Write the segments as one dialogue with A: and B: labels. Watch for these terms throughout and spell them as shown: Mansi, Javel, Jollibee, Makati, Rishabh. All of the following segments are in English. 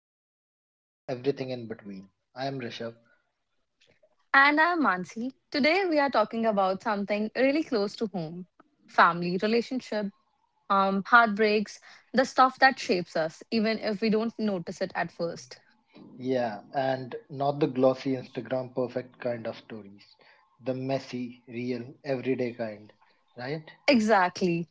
A: Life, Love, and Everything in Between. I am Rishabh.
B: And I'm Mansi. Today we are talking about something really close to home: family, relationship, heartbreaks, the stuff that shapes us, even if we don't notice it at first.
A: Yeah, and not the glossy Instagram perfect kind of stories, the messy, real, everyday kind, right?
B: Exactly.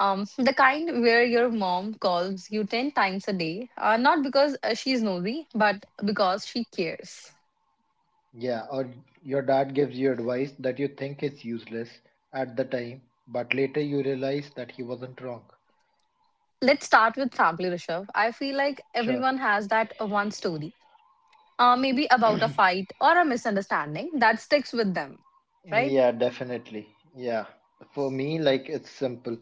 B: The kind where your mom calls you 10 times a day, not because she's nosy, but because she cares.
A: Yeah, or your dad gives you advice that you think is useless at the time, but later you realize that he wasn't wrong.
B: Let's start with family, Rishabh. I feel like
A: Sure.
B: everyone has that one story, maybe about a fight or a misunderstanding that sticks with them, right?
A: Yeah, definitely. Yeah. For me, like it's simple.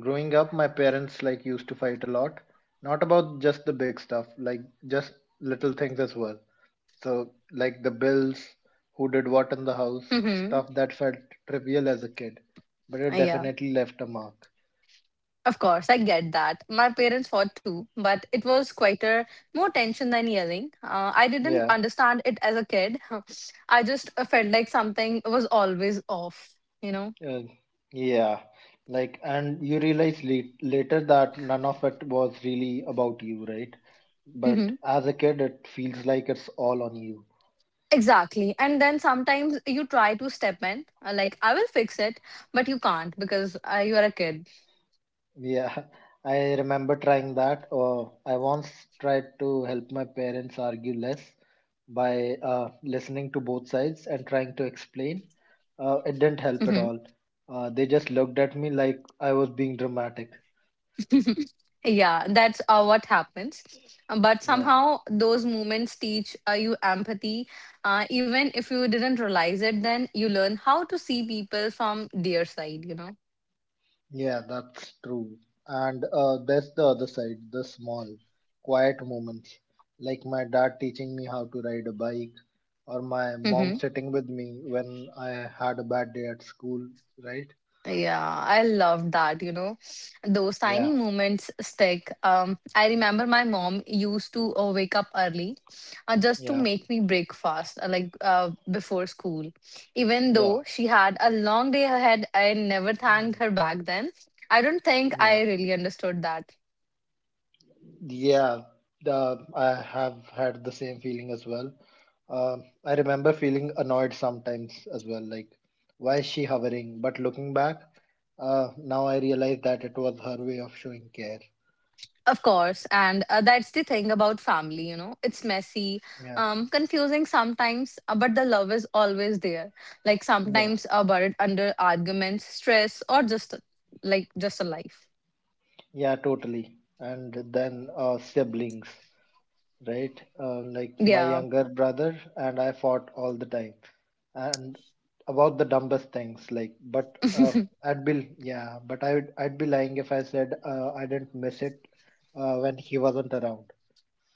A: Growing up, my parents like used to fight a lot, not about just the big stuff, like just little things as well. So, like the bills, who did what in the house,
B: Mm-hmm.
A: stuff that felt trivial as a kid, but it
B: Yeah,
A: definitely left a mark.
B: of course, I get that. My parents fought too, but it was quieter, more tension than yelling. I didn't
A: Yeah.
B: understand it as a kid. I just felt like something was always off, you know?
A: Uh, yeah. Like, and you realize later that none of it was really about you, right? But
B: Hmm.
A: as a kid, it feels like it's all on you.
B: Exactly. And then sometimes you try to step in, like, I will fix it, but you can't because you are a kid.
A: Yeah, I remember trying that. I once tried to help my parents argue less by listening to both sides and trying to explain. It didn't help
B: Mm-hmm.
A: at all. They just looked at me like I was being dramatic.
B: Yeah, that's what happens. But
A: Yeah,
B: somehow those moments teach you empathy. Even if you didn't realize it, then you learn how to see people from their side?
A: yeah, that's true. And there's the other side, the small, quiet moments, like my dad teaching me how to ride a bike, or my mom
B: Mm-hmm.
A: sitting with me when I had a bad day at school, right?
B: Yeah, I love that. Those tiny
A: Yeah,
B: moments stick. I remember my mom used to wake up early just to
A: yeah.
B: make me breakfast, like before school. Even
A: Yeah.
B: though she had a long day ahead, I never thanked
A: Mm,
B: her back then. I don't think
A: yeah,
B: I really understood that.
A: yeah. The I have had the same feeling as well. I remember feeling annoyed sometimes as well, like why is she hovering? But looking back, now I realize that it was her way of showing care.
B: Of course, and that's the thing about family. It's messy,
A: Yeah,
B: confusing sometimes, but the love is always there. Like
A: yeah,
B: sometimes buried under arguments, stress, or just a life.
A: yeah, totally. And then siblings, right? Like my
B: Yeah,
A: younger brother and I fought all the time, and about the dumbest things. Like, but I'd be lying if I said I didn't miss it when he wasn't around.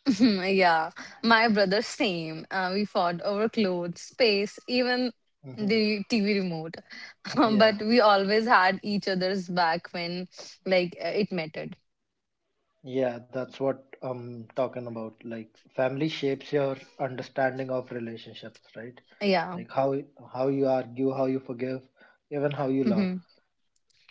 B: yeah. My brother, same. We fought over clothes, space, even
A: Hmm.
B: the TV remote. But
A: Yeah,
B: we always had each other's back when, like, it mattered.
A: yeah, that's what I'm talking about. Like, family shapes your understanding of relationships, right?
B: Yeah.
A: Like how you argue, how you forgive, even how you love.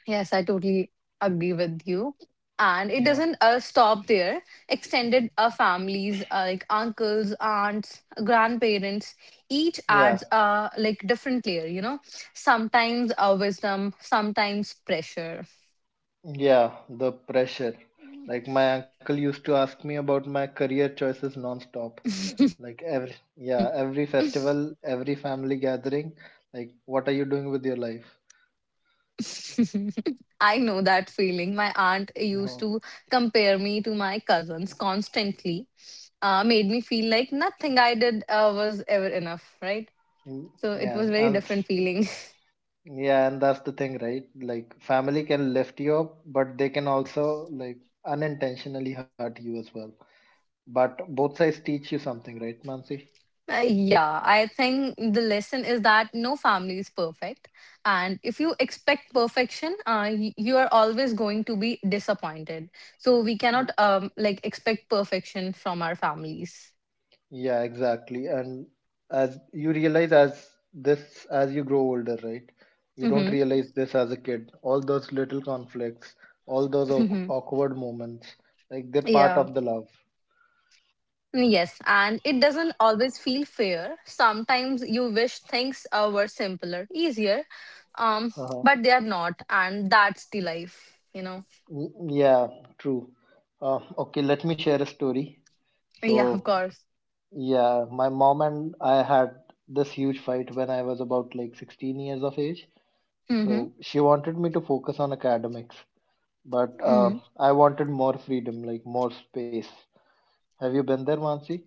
B: Yes, I totally agree with you. And it
A: Yeah,
B: doesn't stop there. Extended families, like uncles, aunts, grandparents, each adds
A: yeah.
B: like different layer, sometimes wisdom, sometimes pressure.
A: Yeah, the pressure. Like my uncle used to ask me about my career choices non-stop. Every festival, every family gathering, like what are you doing with your life?
B: I know that feeling. My aunt used
A: No.
B: to compare me to my cousins constantly, made me feel like nothing I did was ever enough, right?
A: Mm.
B: So it was very different feeling.
A: Yeah, and that's the thing, right? Like family can lift you up, but they can also like unintentionally hurt you as well. But both sides teach you something, right, Mansi?
B: Yeah, I think the lesson is that no family is perfect. And if you expect perfection, you are always going to be disappointed. So we cannot like expect perfection from our families.
A: Yeah, exactly. And as you realize as this as you grow older, right? You don't
B: Hmm.
A: realize this as a kid. All those little conflicts, all those
B: Hmm.
A: awkward moments, like they're part
B: Yeah.
A: of the love.
B: Mm, yes. And it doesn't always feel fair. Sometimes you wish things were simpler, easier, um,
A: Uh-huh.
B: but they are not. And that's the life?
A: Y- Yeah, true. Okay, let me share a story.
B: Yeah, of
A: So,
B: course.
A: yeah, my mom and I had this huge fight when I was about like 16 years of age.
B: Mm-hmm.
A: So, she wanted me to focus on academics, but
B: Mm-hmm.
A: I wanted more freedom, like more space. Have you been there, Mansi?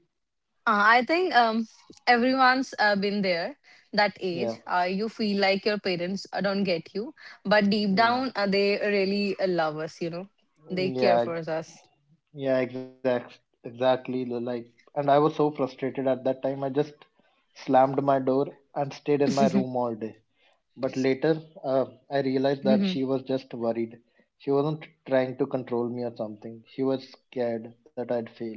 B: I think everyone's been there that age.
A: Yeah,
B: You feel like your parents don't get you, but deep
A: yeah,
B: down, they really love us, they care
A: yeah,
B: for
A: ex-
B: us.
A: exactly. the Like, and I was so frustrated at that time. I just slammed my door and stayed in my room all day. But later, I realized that
B: Mhm.
A: she was just worried. She wasn't trying to control me or something. She was scared that I'd fail.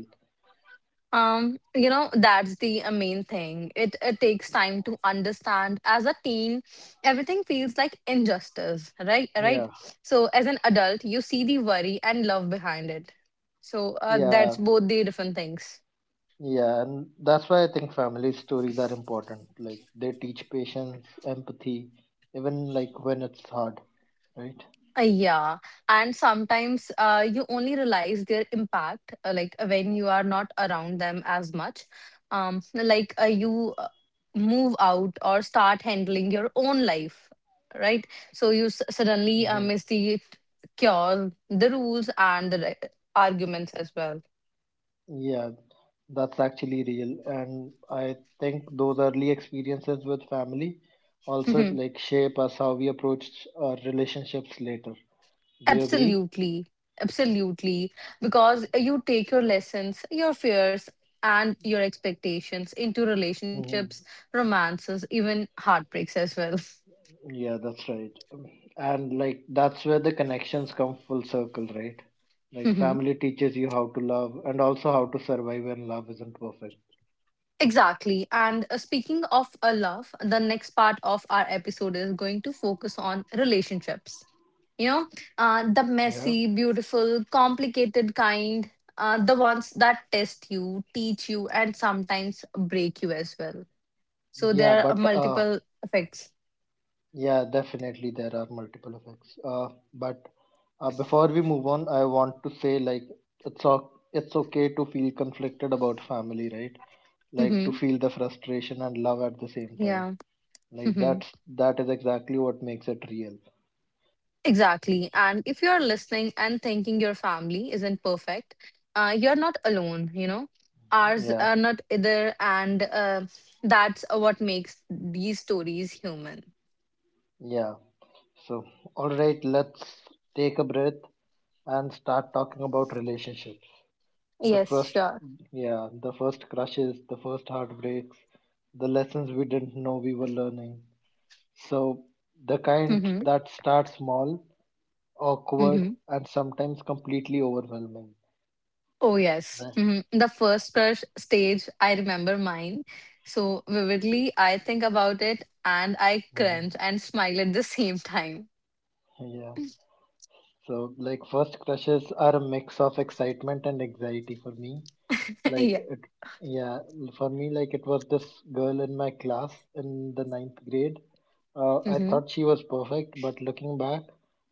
B: That's the main thing. It takes time to understand. As a teen, everything feels like injustice, right? Right.
A: Yeah,
B: So, as an adult, you see the worry and love behind it. So,
A: yeah,
B: that's both the different things.
A: yeah, and that's why I think family stories are important. Like, they teach patience, empathy, even like when it's hard, right?
B: Yeah, and sometimes you only realize their impact like when you are not around them as much. Like, you move out or start handling your own life, right? So you suddenly
A: Mm-hmm.
B: miss the cure, the rules, and the arguments as well.
A: Yeah, that's actually real. And I think those early experiences with family also like shape us how we approach our relationships later. Do you agree?
B: Absolutely. Absolutely. Because you take your lessons, your fears, and your expectations into relationships,
A: Hmm.
B: romances, even heartbreaks as well.
A: Yeah, that's right. And like that's where the connections come full circle, right? Like
B: Mhm.
A: family teaches you how to love and also how to survive when love isn't perfect.
B: Exactly. And speaking of a love, the next part of our episode is going to focus on relationships. You know, the
A: Yeah.
B: messy, beautiful, complicated kind, the ones that test you, teach you, and sometimes break you as well. So
A: Yeah,
B: there are
A: but
B: multiple effects.
A: Yeah, definitely there are multiple effects. But Before we move on, I want to say like it's okay to feel conflicted about family, right? Like
B: Mm-hmm.
A: to feel the frustration and love at the same
B: Yeah.
A: time. Like
B: Mm-hmm.
A: that's that is exactly what makes it real.
B: Exactly. And if you're listening and thinking your family isn't perfect, you're not alone. Ours
A: Yeah,
B: are not either. And that's what makes these stories human.
A: yeah. So, all right, let's take a breath and start talking about relationships. The
B: Yes,
A: first,
B: sure.
A: yeah, the first crushes, the first heartbreaks, the lessons we didn't know we were learning. So, the kind
B: Mm-hmm.
A: that starts small, awkward
B: Mm-hmm.
A: and sometimes completely overwhelming.
B: Oh, yes.
A: Right.
B: Mm-hmm. The first crush stage, I remember mine so vividly. I think about it and I
A: Mhm.
B: cringe and smile at the same time.
A: Yeah. So, like, first crushes are a mix of excitement and anxiety for me. Like,
B: Yeah.
A: it, yeah, for me, like, It was this girl in my class in the ninth grade. I thought she was perfect, but looking back,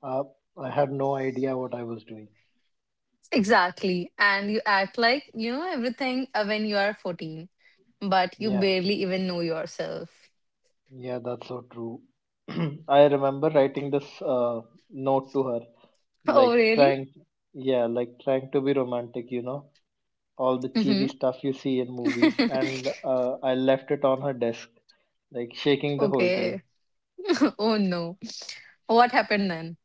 A: uh, I had no idea what I was doing.
B: Exactly. And you act like you know everything when you are 14, but you
A: Yeah,
B: barely even know yourself.
A: yeah, that's so true. I remember writing this note to her,
B: Oh,
A: like,
B: really?
A: trying, yeah, like, trying to be romantic, you know, all the cheesy
B: Hmm.
A: stuff you see in movies, and I left it on her desk, like shaking the whole
B: Okay.
A: time.
B: Oh, no. What happened then?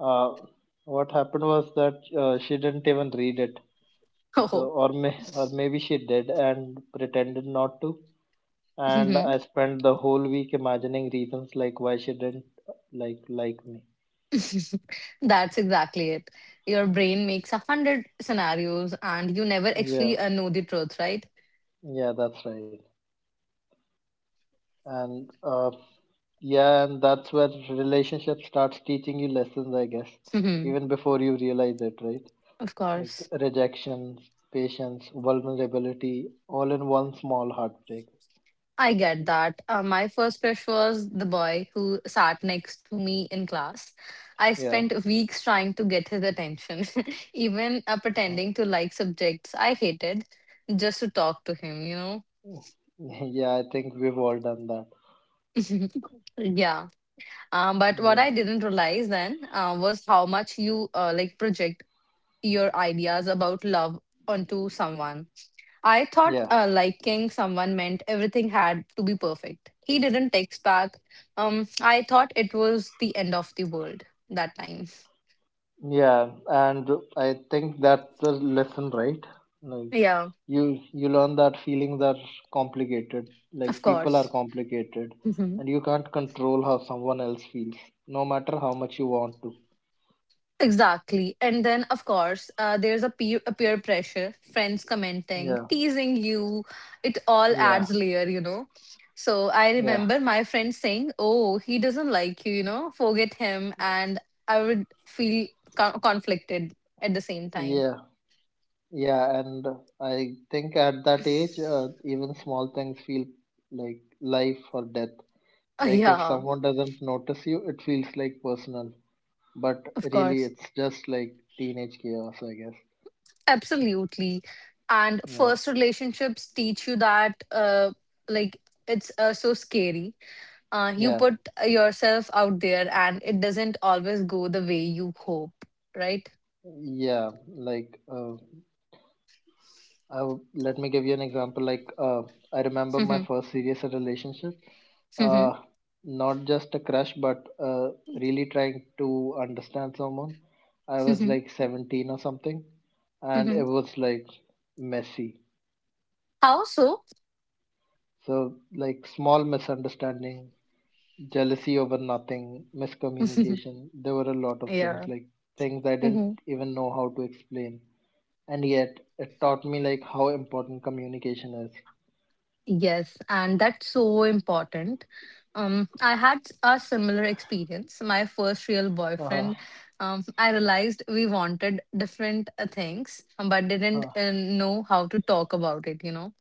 A: Uh, what happened was that she didn't even read it, so
B: Oh.
A: or maybe she did and pretended not to. And
B: Mhm.
A: I spent the whole week imagining reasons like why she didn't like me.
B: That's exactly it. Your brain makes a hundred scenarios and you never
A: Yeah,
B: actually know the truth, right?
A: yeah, that's right. And uh, yeah, and that's where relationship starts teaching you lessons, I guess,
B: Hmm.
A: even before you realize it, right?
B: Of
A: Like
B: course.
A: rejection, patience, vulnerability, all in one small heartbreak.
B: I get that. My first crush was the boy who sat next to me in class. I
A: Yeah.
B: spent weeks trying to get his attention, even pretending to like subjects I hated just to talk to him?
A: Yeah, I think we've all done that.
B: Yeah. But what
A: Yeah,
B: I didn't realize then was how much you like project your ideas about love onto someone. I thought
A: yeah,
B: liking someone meant everything had to be perfect. He didn't text back. I thought it was the end of the world that time.
A: yeah, and I think that's the lesson, right? Like
B: Yeah,
A: you learn that feelings are complicated.
B: of
A: Like people
B: course.
A: are complicated,
B: Hmm.
A: and you can't control how someone else feels, no matter how much you want to.
B: Exactly. And then, of course, there's a peer pressure, friends
A: Yeah,
B: commenting, teasing you. It all
A: yeah,
B: adds layer. So I
A: yeah,
B: remember my friend saying, "Oh, he doesn't like you know, forget him." And I would feel conflicted at the same time.
A: yeah. Yeah, and I think at that age, even small things feel like life or death.
B: Uh,
A: Like if
B: Yeah.
A: someone doesn't notice you, it feels like personal, but
B: Of
A: really
B: course.
A: it's just like teenage chaos, I guess.
B: Absolutely. And
A: Yeah,
B: first relationships teach you that, like, it's so scary. You
A: yeah,
B: put yourself out there and it doesn't always go the way you hope, right?
A: yeah. Like, I w Let me give you an example. I remember my
B: Mm-hmm.
A: first serious relationship, uh, not just a crush, but really trying to understand someone. I
B: Mm-hmm.
A: was
B: Mm-hmm.
A: like 17 or something, and it
B: Mm-hmm.
A: was like messy.
B: How so?
A: So, like small misunderstanding, jealousy over nothing, miscommunication. There were a lot of
B: Yeah.
A: things, like things I didn't even know how to explain. And yet, it taught me like how important communication is.
B: Yes, and that's so important. I had a similar experience. My first real boyfriend, I realized we wanted different things, but
A: Uh,
B: didn't
A: uh,
B: know how to talk about it.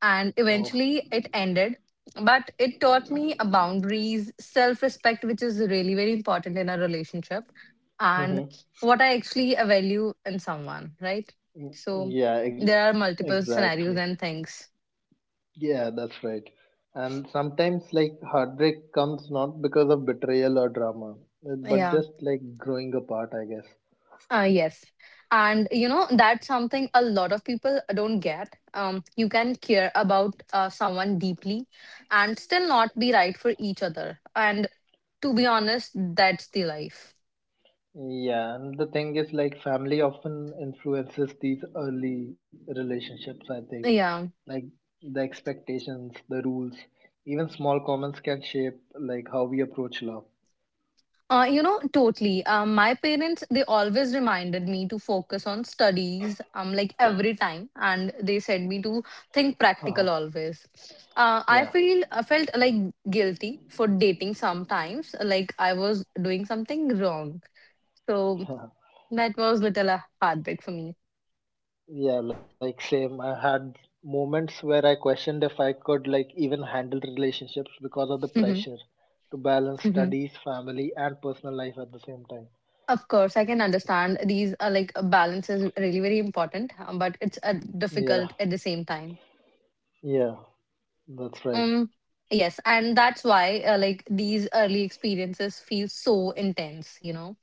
B: And
A: oh.
B: eventually it ended, but it taught me boundaries, self-respect, which is really very important in a relationship, and
A: Hmm.
B: what I actually value in someone, right? So
A: Yeah, ex-
B: there are multiple scenarios
A: exactly.
B: and things.
A: Yeah, that's right. And sometimes, like, heartbreak comes not because of betrayal or drama, but
B: Yeah.
A: just like growing apart, I guess.
B: Yes. And that's something a lot of people don't get. You can care about someone deeply and still not be right for each other. And to be honest, that's the life.
A: Yeah, and the thing is, like, family often influences these early relationships, I think.
B: Yeah.
A: Like, the expectations, the rules, even small comments can shape, like, how we approach love.
B: Totally. My parents, they always reminded me to focus on studies, like every time. And they said me to think practical always. I
A: Yeah.
B: feel I felt like guilty for dating sometimes, like I was doing something wrong. So that was little a heartbreak for me.
A: Yeah, like same. I had moments where I questioned if I could like even handle relationships because of the
B: Hmm.
A: pressure to balance
B: Hmm.
A: studies, family, and personal life at the same time.
B: Of course, I can understand these are like a balance is really very important, but it's
A: Yeah,
B: difficult at the same time.
A: yeah, that's right.
B: Um, yes, and that's why like these early experiences feel so intense. You know,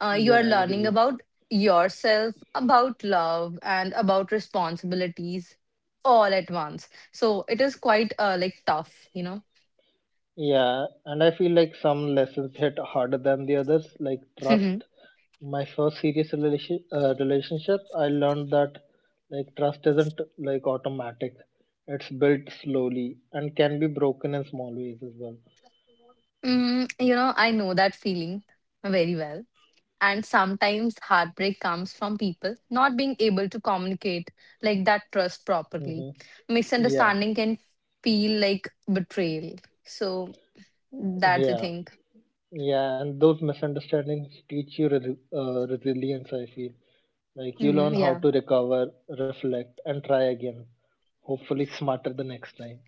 B: uh, You
A: Yeah,
B: are
A: I
B: learning
A: agree.
B: about yourself, about love, and about responsibilities all at once. So it is quite like tough. You
A: Yeah, and I feel like some lessons hit harder than the others, like
B: know.
A: trust. My first relationship, I learned that like trust isn't like automatic. It's built slowly and can be broken in small ways as well.
B: I know that feeling very well. And sometimes heartbreak comes from people not being able to communicate like that trust properly.
A: Mm-hmm. Yeah,
B: Misunderstanding can feel like betrayal. So that's the
A: yeah,
B: thing.
A: yeah. And those misunderstandings teach you resilience, I feel. Like you
B: Hmm.
A: learn how
B: Yeah.
A: to recover, reflect, and try again. Hopefully, smarter the next time.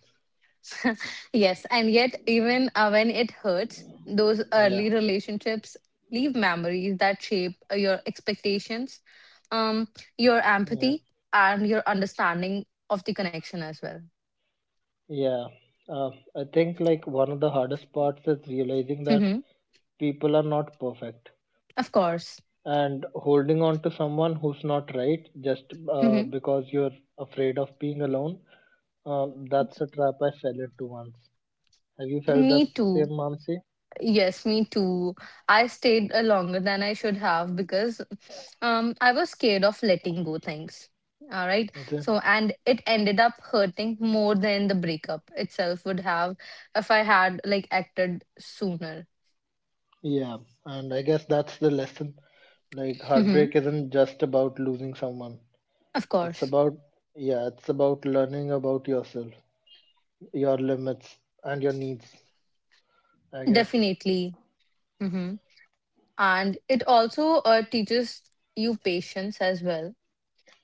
B: Yes. And yet, even when it hurts, those
A: Yeah,
B: early relationships leave memories that shape your expectations, um, your
A: yeah,
B: empathy, and your understanding of the connection as well.
A: yeah. Uh, I think like one of the hardest parts is realizing that
B: Mm-hmm.
A: people are not perfect
B: Of course.
A: and holding on to someone who's not right just
B: Mm-hmm.
A: because you're afraid of being alone. That's a trap I fell into once. Have you felt
B: Me
A: that
B: too.
A: same, Mansi?
B: Yes, me too. I stayed longer than I should have because I was scared of letting go things. All right.
A: Okay.
B: So and it ended up hurting more than the breakup itself would have if I had like acted sooner.
A: Yeah, and I guess that's the lesson. Like
B: Mm-hmm.
A: heartbreak isn't just about losing someone.
B: Of
A: It's
B: course.
A: about yeah, it's about learning about yourself, your limits, and your needs. I guess.
B: Definitely. Mm-hmm. And it also teaches you patience as well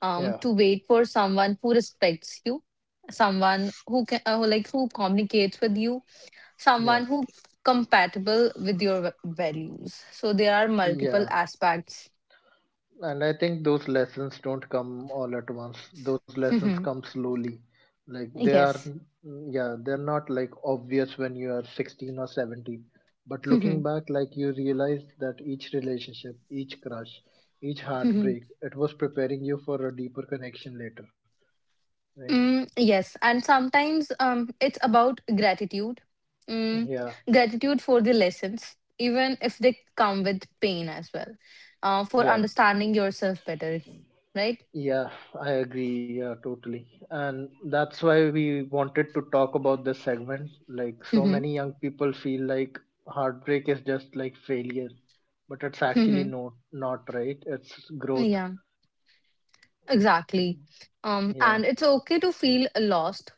A: Yeah,
B: to wait for someone who respects you, someone who, like who communicates with you,
A: yeah,
B: someone who compatible with your values, so there are multiple
A: yeah.
B: aspects.
A: And I think those lessons don't come all at once. Those lessons
B: Mhm.
A: come slowly. Like they are,
B: Yes.
A: yeah, they're not like obvious when you are 16 or 17. But looking
B: Mhm.
A: back, like you realize that each relationship, each crush, each
B: Mhm.
A: heartbreak, it was preparing you for a deeper connection later, right?
B: Yes, and sometimes it's about gratitude. mm,
A: Yeah,
B: gratitude for the lessons even if they come with pain as well, for
A: yeah.
B: understanding yourself better, right?
A: Yeah, I agree. Yeah, totally. And that's why we wanted to talk about this segment. Like, so
B: Mhm.
A: many young people feel like heartbreak is just like failure, but it's actually
B: Mhm.
A: not, not right. It's growth.
B: Yeah. Exactly.
A: Yeah,
B: And it's okay to feel lost,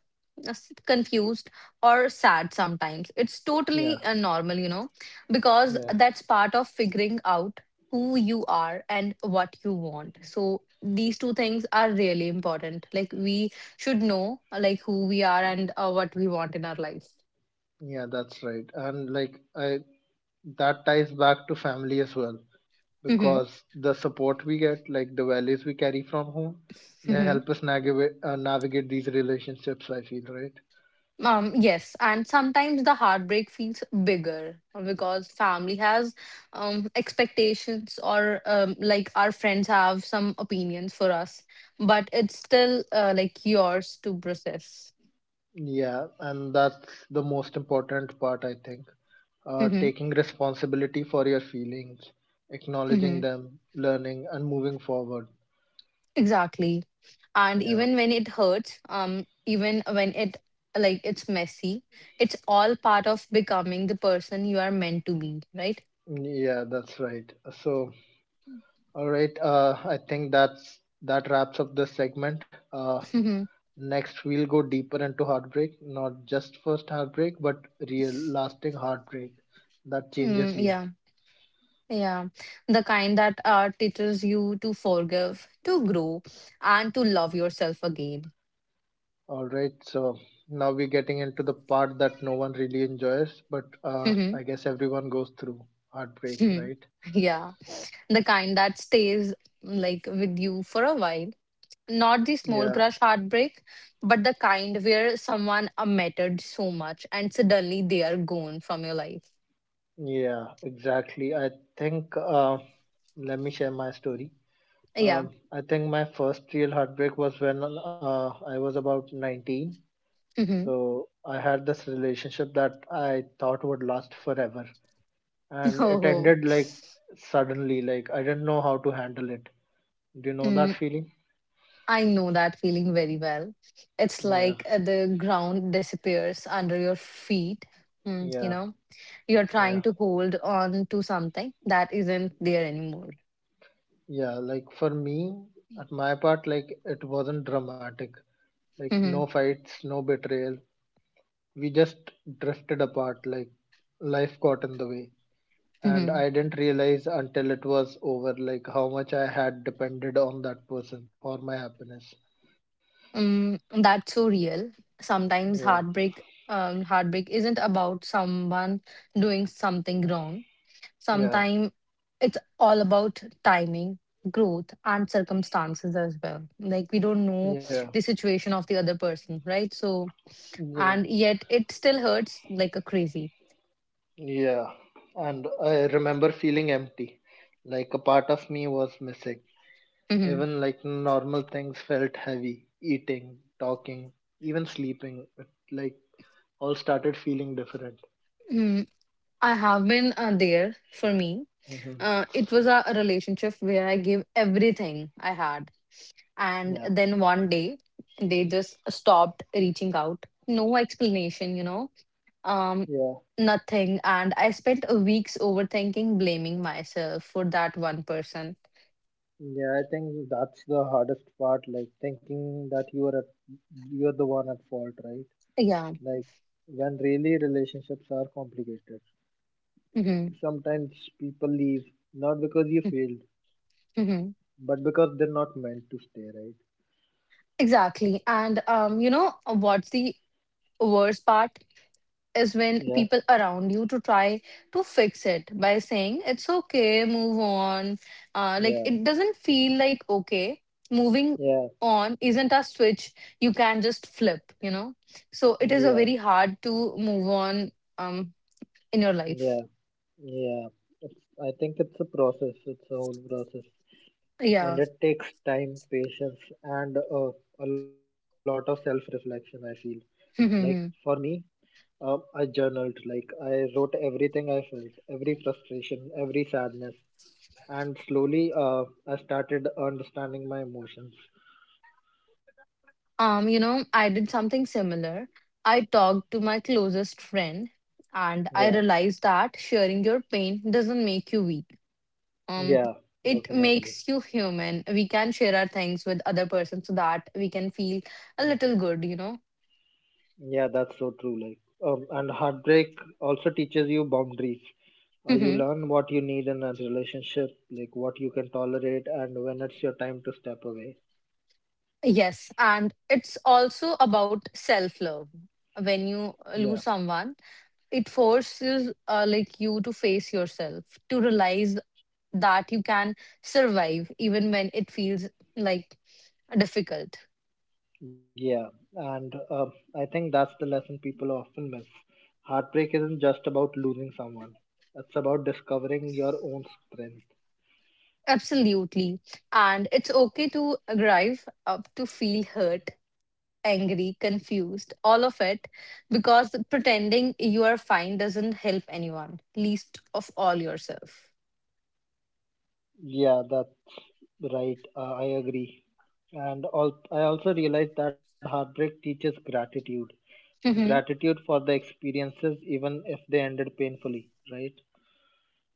B: confused, or sad sometimes. It's totally
A: yeah,
B: normal, because
A: yeah,
B: that's part of figuring out who you are and what you want. So these two things are really important. Like we should know like who we are and what we want in our life.
A: yeah, that's right. And like, I that ties back to family as well
B: Mm-hmm.
A: because the support we get, like the values we carry from home, they
B: Mm-hmm.
A: help us navigate these relationships. I feel, right.
B: Yes, and sometimes the heartbreak feels bigger because family has expectations or like our friends have some opinions for us, but it's still like yours to process.
A: Yeah, and that's the most important part, I think.
B: Hmm.
A: Taking responsibility for your feelings, acknowledging
B: Hmm.
A: them, learning, and moving forward.
B: Exactly. And
A: Yeah,
B: even when it hurts, even when it's messy, it's all part of becoming the person you are meant to be, right?
A: yeah, that's right. So, all right, I think that wraps up this segment.
B: Mm-hmm.
A: Next, we'll go deeper into heartbreak, not just first heartbreak, but real lasting heartbreak that changes
B: Mm,
A: you.
B: Yeah. Yeah, the kind that teaches you to forgive, to grow, and to love yourself again.
A: All right, so now we're getting into the part that no one really enjoys, but
B: Mhm.
A: I guess everyone goes through heartbreak,
B: Mhm.
A: right?
B: Yeah, the kind that stays like with you for a while. Not the
A: Yeah,
B: small crush heartbreak, but the kind where someone mattered so much and suddenly they are gone from your life.
A: yeah, exactly. I think let me share my story.
B: Yeah.
A: I think my first real heartbreak was when I was about 19.
B: Mhm.
A: So I had this relationship that I thought would last forever, and it
B: Oh,
A: ended like suddenly. Like I didn't know how to handle it. Do you know that
B: mm,
A: feeling?
B: I know that feeling very well. It's
A: Yeah,
B: like the ground disappears under your feet. Mm, you
A: yeah.
B: know you're
A: Yeah,
B: trying to hold on to something that isn't there anymore.
A: Yeah, like for me, at my part, like it wasn't dramatic. Like no
B: Hmm.
A: fights, no betrayal. We just drifted apart, like life got in the way. And
B: Hmm.
A: I didn't realize until it was over, like how much I had depended on that person for my happiness.
B: Mm, that's so real. Sometimes
A: Yeah,
B: heartbreak isn't about someone doing something wrong.
A: yeah,
B: Sometimes it's all about timing, growth, and circumstances as well. Like we don't know
A: yeah,
B: the situation of the other person, right? So,
A: yeah,
B: and yet it still hurts like a crazy.
A: yeah. And I remember feeling empty, like a part of me was missing.
B: Hmm.
A: Even like normal things felt heavy. Eating, talking, even like all started feeling different.
B: Mm, I have been there for me
A: Hmm.
B: it was a relationship where I gave everything I had. And
A: Yeah,
B: then one day, they just stopped reaching out. No explanation, you know, um,
A: yeah,
B: nothing. And I spent weeks overthinking, blaming myself for that one person.
A: yeah. I think that's the hardest part. Like thinking that you're the one at fault, right?
B: Yeah.
A: Like when really relationships are complicated.
B: Hmm.
A: Sometimes people leave not because you failed,
B: Hmm.
A: but because they're not meant to stay, right?
B: Exactly. And you know, what's the worst part? Is when
A: Yeah,
B: people around you to try to fix it by saying it's okay move on. Like
A: yeah,
B: it doesn't feel like okay, moving
A: yeah,
B: on isn't a switch you can just flip, you know, so it is a
A: yeah,
B: very hard to move on, um in your life.
A: yeah. Yeah, it's, I think it's a process. It's a whole process,
B: Yeah.
A: and it takes time, patience, and a lot of self-reflection. I feel like for me, I journaled. Like I wrote everything I felt, every frustration, every sadness, and slowly, I started understanding my emotions.
B: You know, I did something similar. I talked to my closest friend and I
A: Yeah,
B: realized that sharing your pain doesn't make you weak, um
A: yeah,
B: it
A: definitely.
B: makes you human. We can share our things with other person so that we can feel
A: Mm.
B: a little good, you know.
A: Yeah, that's so true. Like, and heartbreak also teaches you boundaries. Uh, you
B: Hmm.
A: learn what you need in a relationship, like what you can tolerate and when it's your time to step away.
B: Yes, and it's also about self love. When you
A: Yeah,
B: lose someone, it forces like you to face yourself, to realize that you can survive even when it feels like difficult.
A: yeah. And I think that's the lesson people often miss. Heartbreak isn't just about losing someone, it's about discovering your own strength.
B: Absolutely. And it's okay to grieve, to feel hurt, angry, confused, all of it, because pretending you are fine doesn't help anyone, least of all yourself.
A: Yeah, that's right. I agree. And I also realized that heartbreak teaches gratitude,
B: Hmm.
A: gratitude for the experiences even if they ended painfully, right?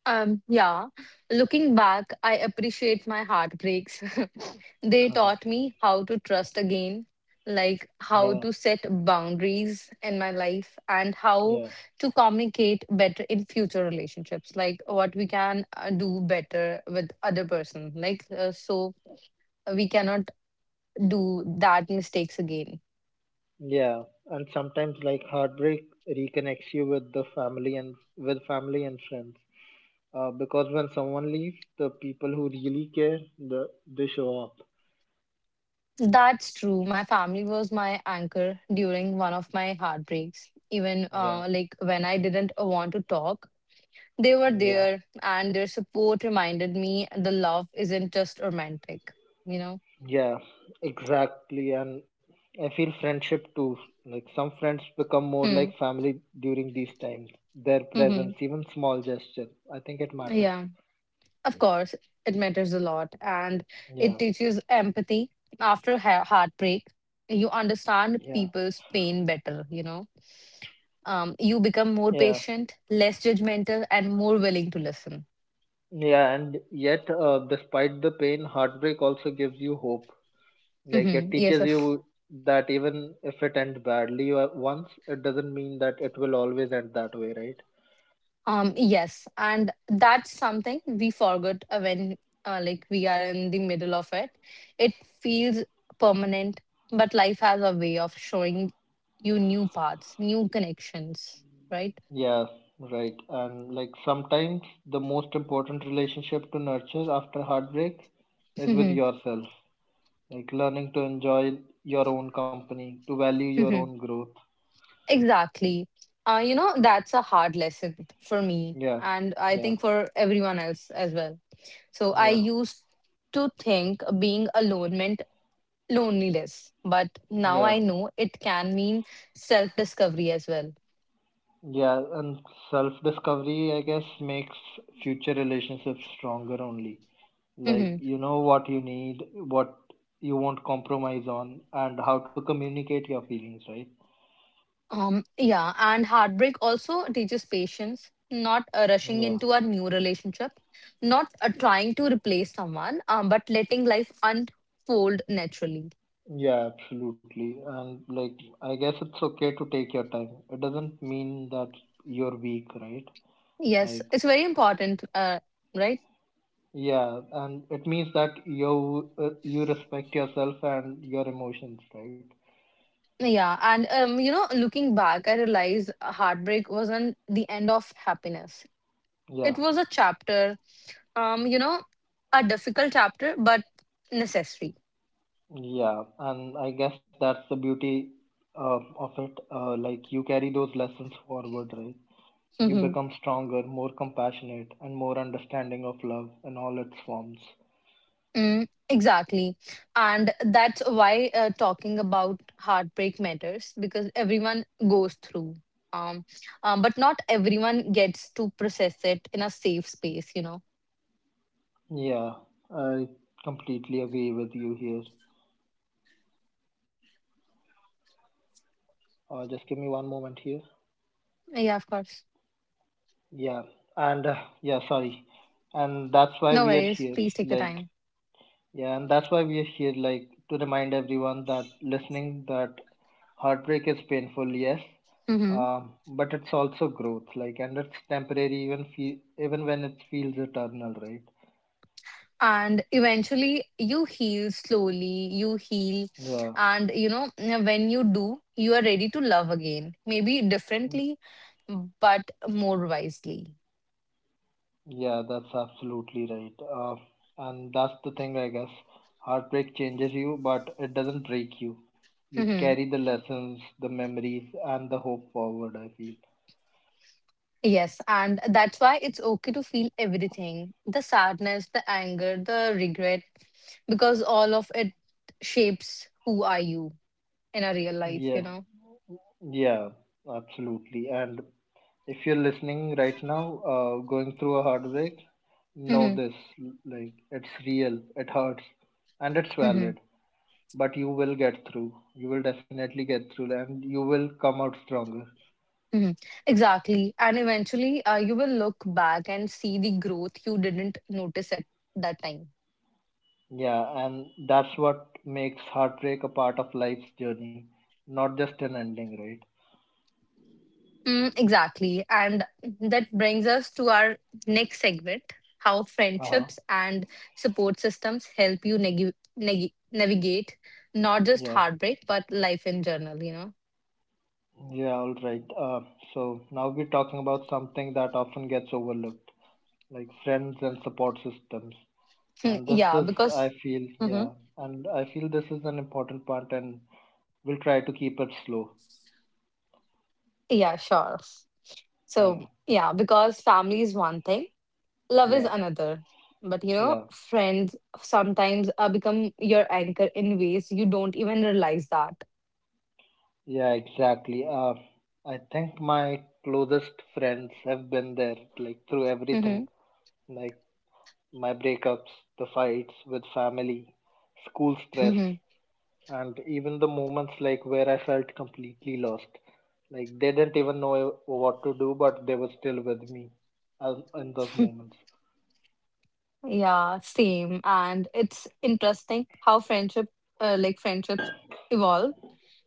B: Yeah, looking back, I appreciate my heartbreaks. They taught me how to trust again, like how
A: yeah
B: to set boundaries in my life, and how
A: yeah.
B: to communicate better in future relationships, like what we can do better with other person. Like, so we cannot do that mistakes again.
A: Yeah, and sometimes like heartbreak reconnects you with the family and with family and friends. Because when someone leaves, the people who really care, they show up.
B: That's true. My family was my anchor during one of my heartbreaks. Even
A: Yeah,
B: like when I didn't want to talk, they were
A: yeah,
B: there, and their support reminded me the love isn't just romantic, you know?
A: yeah, exactly. And I feel friendship too. Like some friends become more
B: Hmm.
A: like family during these times. Their
B: Hmm.
A: presence, even small gesture, I think it matters.
B: Yeah. Of course, it matters a lot, and it
A: Yeah,
B: teaches empathy after heartbreak. You
A: yeah,
B: understand people's pain better, you know? Um, you become more
A: yeah,
B: patient, less judgmental, and more willing to listen.
A: yeah. And yet, despite the pain, heartbreak also gives you hope. Like
B: Hmm.
A: it
B: Yes,
A: teaches
B: of
A: you that even if it ends badly once, it doesn't mean that it will always end that way, right?
B: yes, and that's something we forget when like we are in the middle of it. It feels permanent, but life has a way of showing you new paths, new connections, right?
A: Yeah, right. And like sometimes the most important relationship to nurture after heartbreak is with
B: Hmm.
A: yourself. Like learning to enjoy your own company, to value your own
B: Hmm.
A: growth.
B: Exactly. You know that's a hard lesson for me,
A: Yeah,
B: and I
A: yeah,
B: think for everyone else as well. So I
A: yeah,
B: used to think being alone meant loneliness, but now
A: yeah,
B: I know it can mean self discovery as well.
A: yeah. And self discovery, I guess, makes future relationships stronger only. Like
B: Mhm.
A: you know what you need, what you won't compromise on, and how to communicate your feelings, right?
B: Yeah, and heartbreak also teaches patience, not rushing
A: Yeah,
B: into a new relationship, not trying to replace someone, but letting life unfold naturally.
A: yeah, absolutely. And like I guess it's okay to take your time, it doesn't mean that you're weak, right?
B: Yes,
A: Like
B: it's very important, right?
A: yeah, and it means that you you respect yourself and your emotions, right?
B: Yeah, and you know, looking back, I realized heartbreak wasn't the end of happiness. It
A: Yeah,
B: was a chapter, you know, a difficult chapter, but necessary.
A: yeah, and I guess that's the beauty of it, like you carry those lessons forward, right? You
B: Hmm.
A: become stronger, more compassionate, and more understanding of love in all its forms.
B: Mm, exactly. And that's why talking about heartbreak matters because everyone goes through. Um, but not everyone gets to process it in a safe space, you know.
A: Yeah, I completely agree with you here. Just give me one moment here.
B: Yeah, of course.
A: Yeah, and yeah, sorry. And that's why
B: No
A: we are
B: worries.
A: here.
B: Please take your
A: Like,
B: time.
A: yeah, and that's why we are here, like, to remind everyone that listening that heartbreak is painful, yes,
B: Hmm.
A: but it's also growth, like, and it's temporary, even even when it feels eternal, right?
B: And eventually you heal, slowly you heal,
A: Yeah,
B: and you know when you do, you are ready to love again, maybe differently, but more wisely.
A: yeah, that's absolutely right. And that's the thing, I guess. Heartbreak changes you, but it doesn't break you. You
B: Mhm.
A: carry the lessons, the memories, and the hope forward, I feel.
B: Yes, and that's why it's okay to feel everything, the sadness, the anger, the regret, because all of it shapes who are you in a real life, you
A: Yeah,
B: know.
A: yeah, absolutely. And if you're listening right now, going through a heartbreak, know this like, it's real, it hurts, and it's
B: Hmm.
A: valid. But you will get through. You will definitely get through, and you will come out stronger.
B: Mhm. Exactly. And eventually, you will look back and see the growth you didn't notice at that time.
A: Yeah, and that's what makes heartbreak a part of life's journey, not just an ending, right?
B: Mm, exactly. And that brings us to our next segment, how
A: Uh-huh.
B: friendships and support systems help you navigate not just
A: Yeah,
B: heartbreak, but life in general, you know?
A: yeah, all right. So now we're talking about something that often gets overlooked, like friends and support systems.
B: Hmm,
A: And this
B: yeah,
A: is, I
B: because,
A: feel,
B: mhm.
A: yeah, and I feel this is an important part, and we'll try to keep it slow.
B: Yeah, sure. So,
A: Yeah,
B: yeah, because family is one thing. Love is
A: yeah,
B: another. But you know,
A: yeah,
B: friends sometimes become your anchor in ways you don't even realize that.
A: yeah, exactly. I think my closest friends have been there, like through everything,
B: Hmm.
A: like my breakups, the fights with family, school stress,
B: Hmm.
A: and even the moments like where I felt completely lost. Like they didn't even know what to do, but they were still with me in those moments.
B: Yeah, same. And it's interesting how friendships evolve.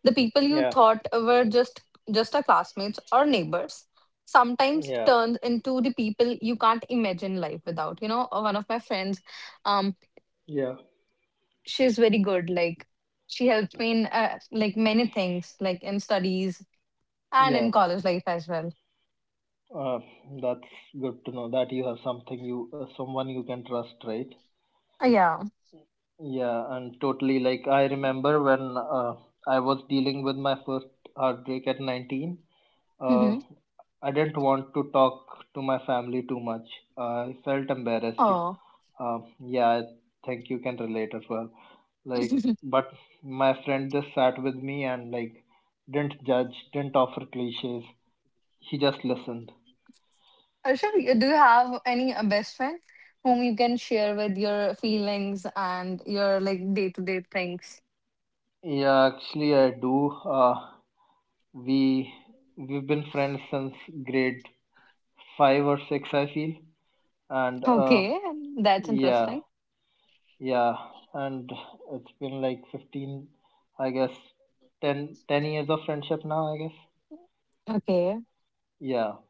B: The people you
A: Yeah,
B: thought were just a classmates or neighbors sometimes
A: yeah,
B: turns into the people you can't imagine life without. You know, one of my friends, um,
A: yeah,
B: she's very good. Like she helps me in like many things, like in studies. And
A: yeah.
B: in college life as well.
A: Uh, that's good to know that you have someone you can trust, right?
B: Yeah.
A: Yeah, and totally. Like I remember when I was dealing with my first heartbreak at 19. Uh,
B: Hmm.
A: I didn't want to talk to my family too much. I felt embarrassed.
B: Oh.
A: Yeah, I think you can relate as well. Like, but my friend just sat with me and like didn't judge, didn't offer cliches. He just listened.
B: Arshab, do you have any best friend whom you can share with your feelings and your like day to day things?
A: Yeah, actually, I do. We we've been friends since grade 5 or 6, I feel. And
B: Okay, that's
A: yeah,
B: interesting.
A: yeah, and it's been like 15, I guess, 10 10 years of friendship now, I guess.
B: Okay,
A: Yeah,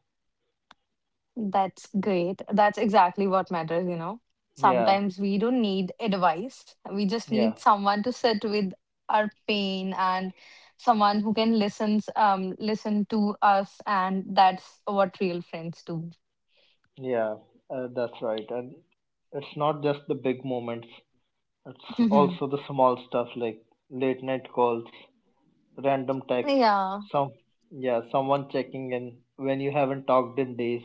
B: that's great. That's exactly what matters, you know.
A: yeah,
B: Sometimes we don't need advice. We just need
A: yeah,
B: someone to sit with our pain, and someone who can listen to us, and that's what real friends do.
A: yeah, that's right. And it's not just the big moments, it's
B: Hmm.
A: also the small stuff like late night calls, random texts,
B: Yeah.
A: some, yeah, someone checking in when you haven't talked in days.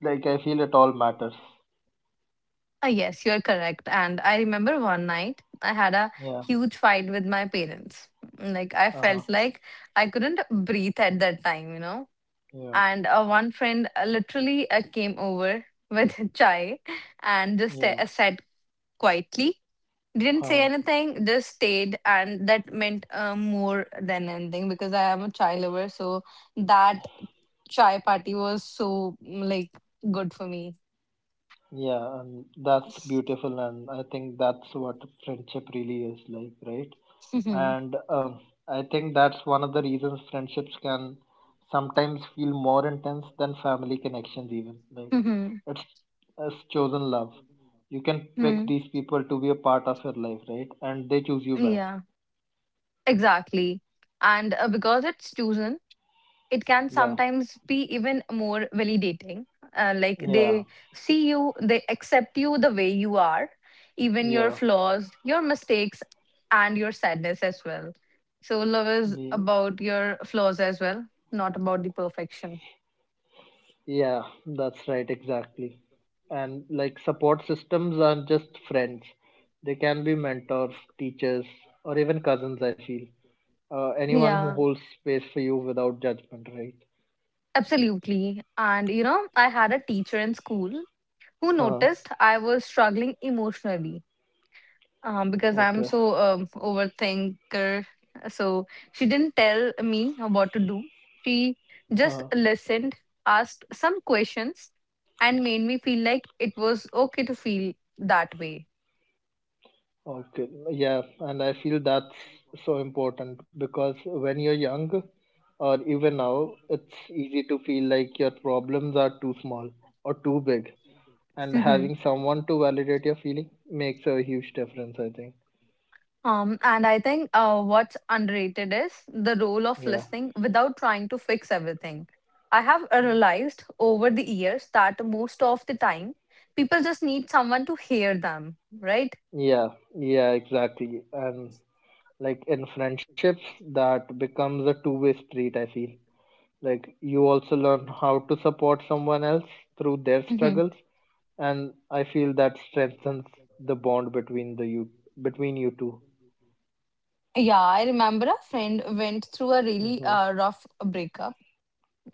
A: Like, I feel it all matters.
B: Yes, you're correct. And I remember one night I had a
A: Yeah,
B: huge fight with my parents. Mm, like, I
A: uh huh,
B: felt like I couldn't breathe at that time, you know.
A: yeah,
B: And one friend literally came over with chai and just
A: yeah, uh
B: sat quietly. Didn't say
A: huh.
B: anything, just stayed. And that meant more than anything because I am a chai lover. So that chai party was so, mm, like, good for me.
A: Yeah, and that's beautiful, and I think that's what friendship really is like, right? And I think that's one of the reasons friendships can sometimes feel more intense than family connections, even. Like,
B: Mhm.
A: it's, it's chosen love. You can pick
B: Mm.
A: these people to be a part of your life, right? And they choose you back.
B: Yeah, exactly. And because it's chosen, it can
A: Yeah,
B: sometimes be even more validating. Like
A: yeah,
B: they see you, they accept you the way you are, even your
A: yeah.
B: flaws, your mistakes, and your sadness as well. So love is
A: Yeah.
B: about your flaws as well, not about the perfection.
A: Yeah, that's right, exactly. And like support systems aren't just friends, they can be mentors, teachers, or even cousins, I feel. Anyone who
B: Yeah,
A: holds space for you without judgment, right?
B: absolutely. And you know, I had a teacher in school who
A: Uh,
B: noticed I was struggling emotionally, because I'm
A: okay.
B: so overthinker. So she didn't tell me what to do. She just
A: Uh,
B: listened, asked some questions, and made me feel like it was okay to feel that way.
A: okay. Yeah, and I feel that's so important because when you're young, or even now, it's easy to feel like your problems are too small or too big. And
B: Mhm.
A: having someone to validate your feeling makes a huge difference, I think.
B: And I think what's underrated is the role of
A: Yeah,
B: listening without trying to fix everything. I have realized over the years that most of the time people just need someone to hear them, right?
A: yeah, yeah, exactly. And like in friendships, that becomes a two-way street, I feel. Like you also learn how to support someone else through their
B: Mm-hmm.
A: struggles, and I feel that strengthens the bond between you two.
B: Yeah, I remember a friend went through a
A: Mm-hmm.
B: really rough breakup.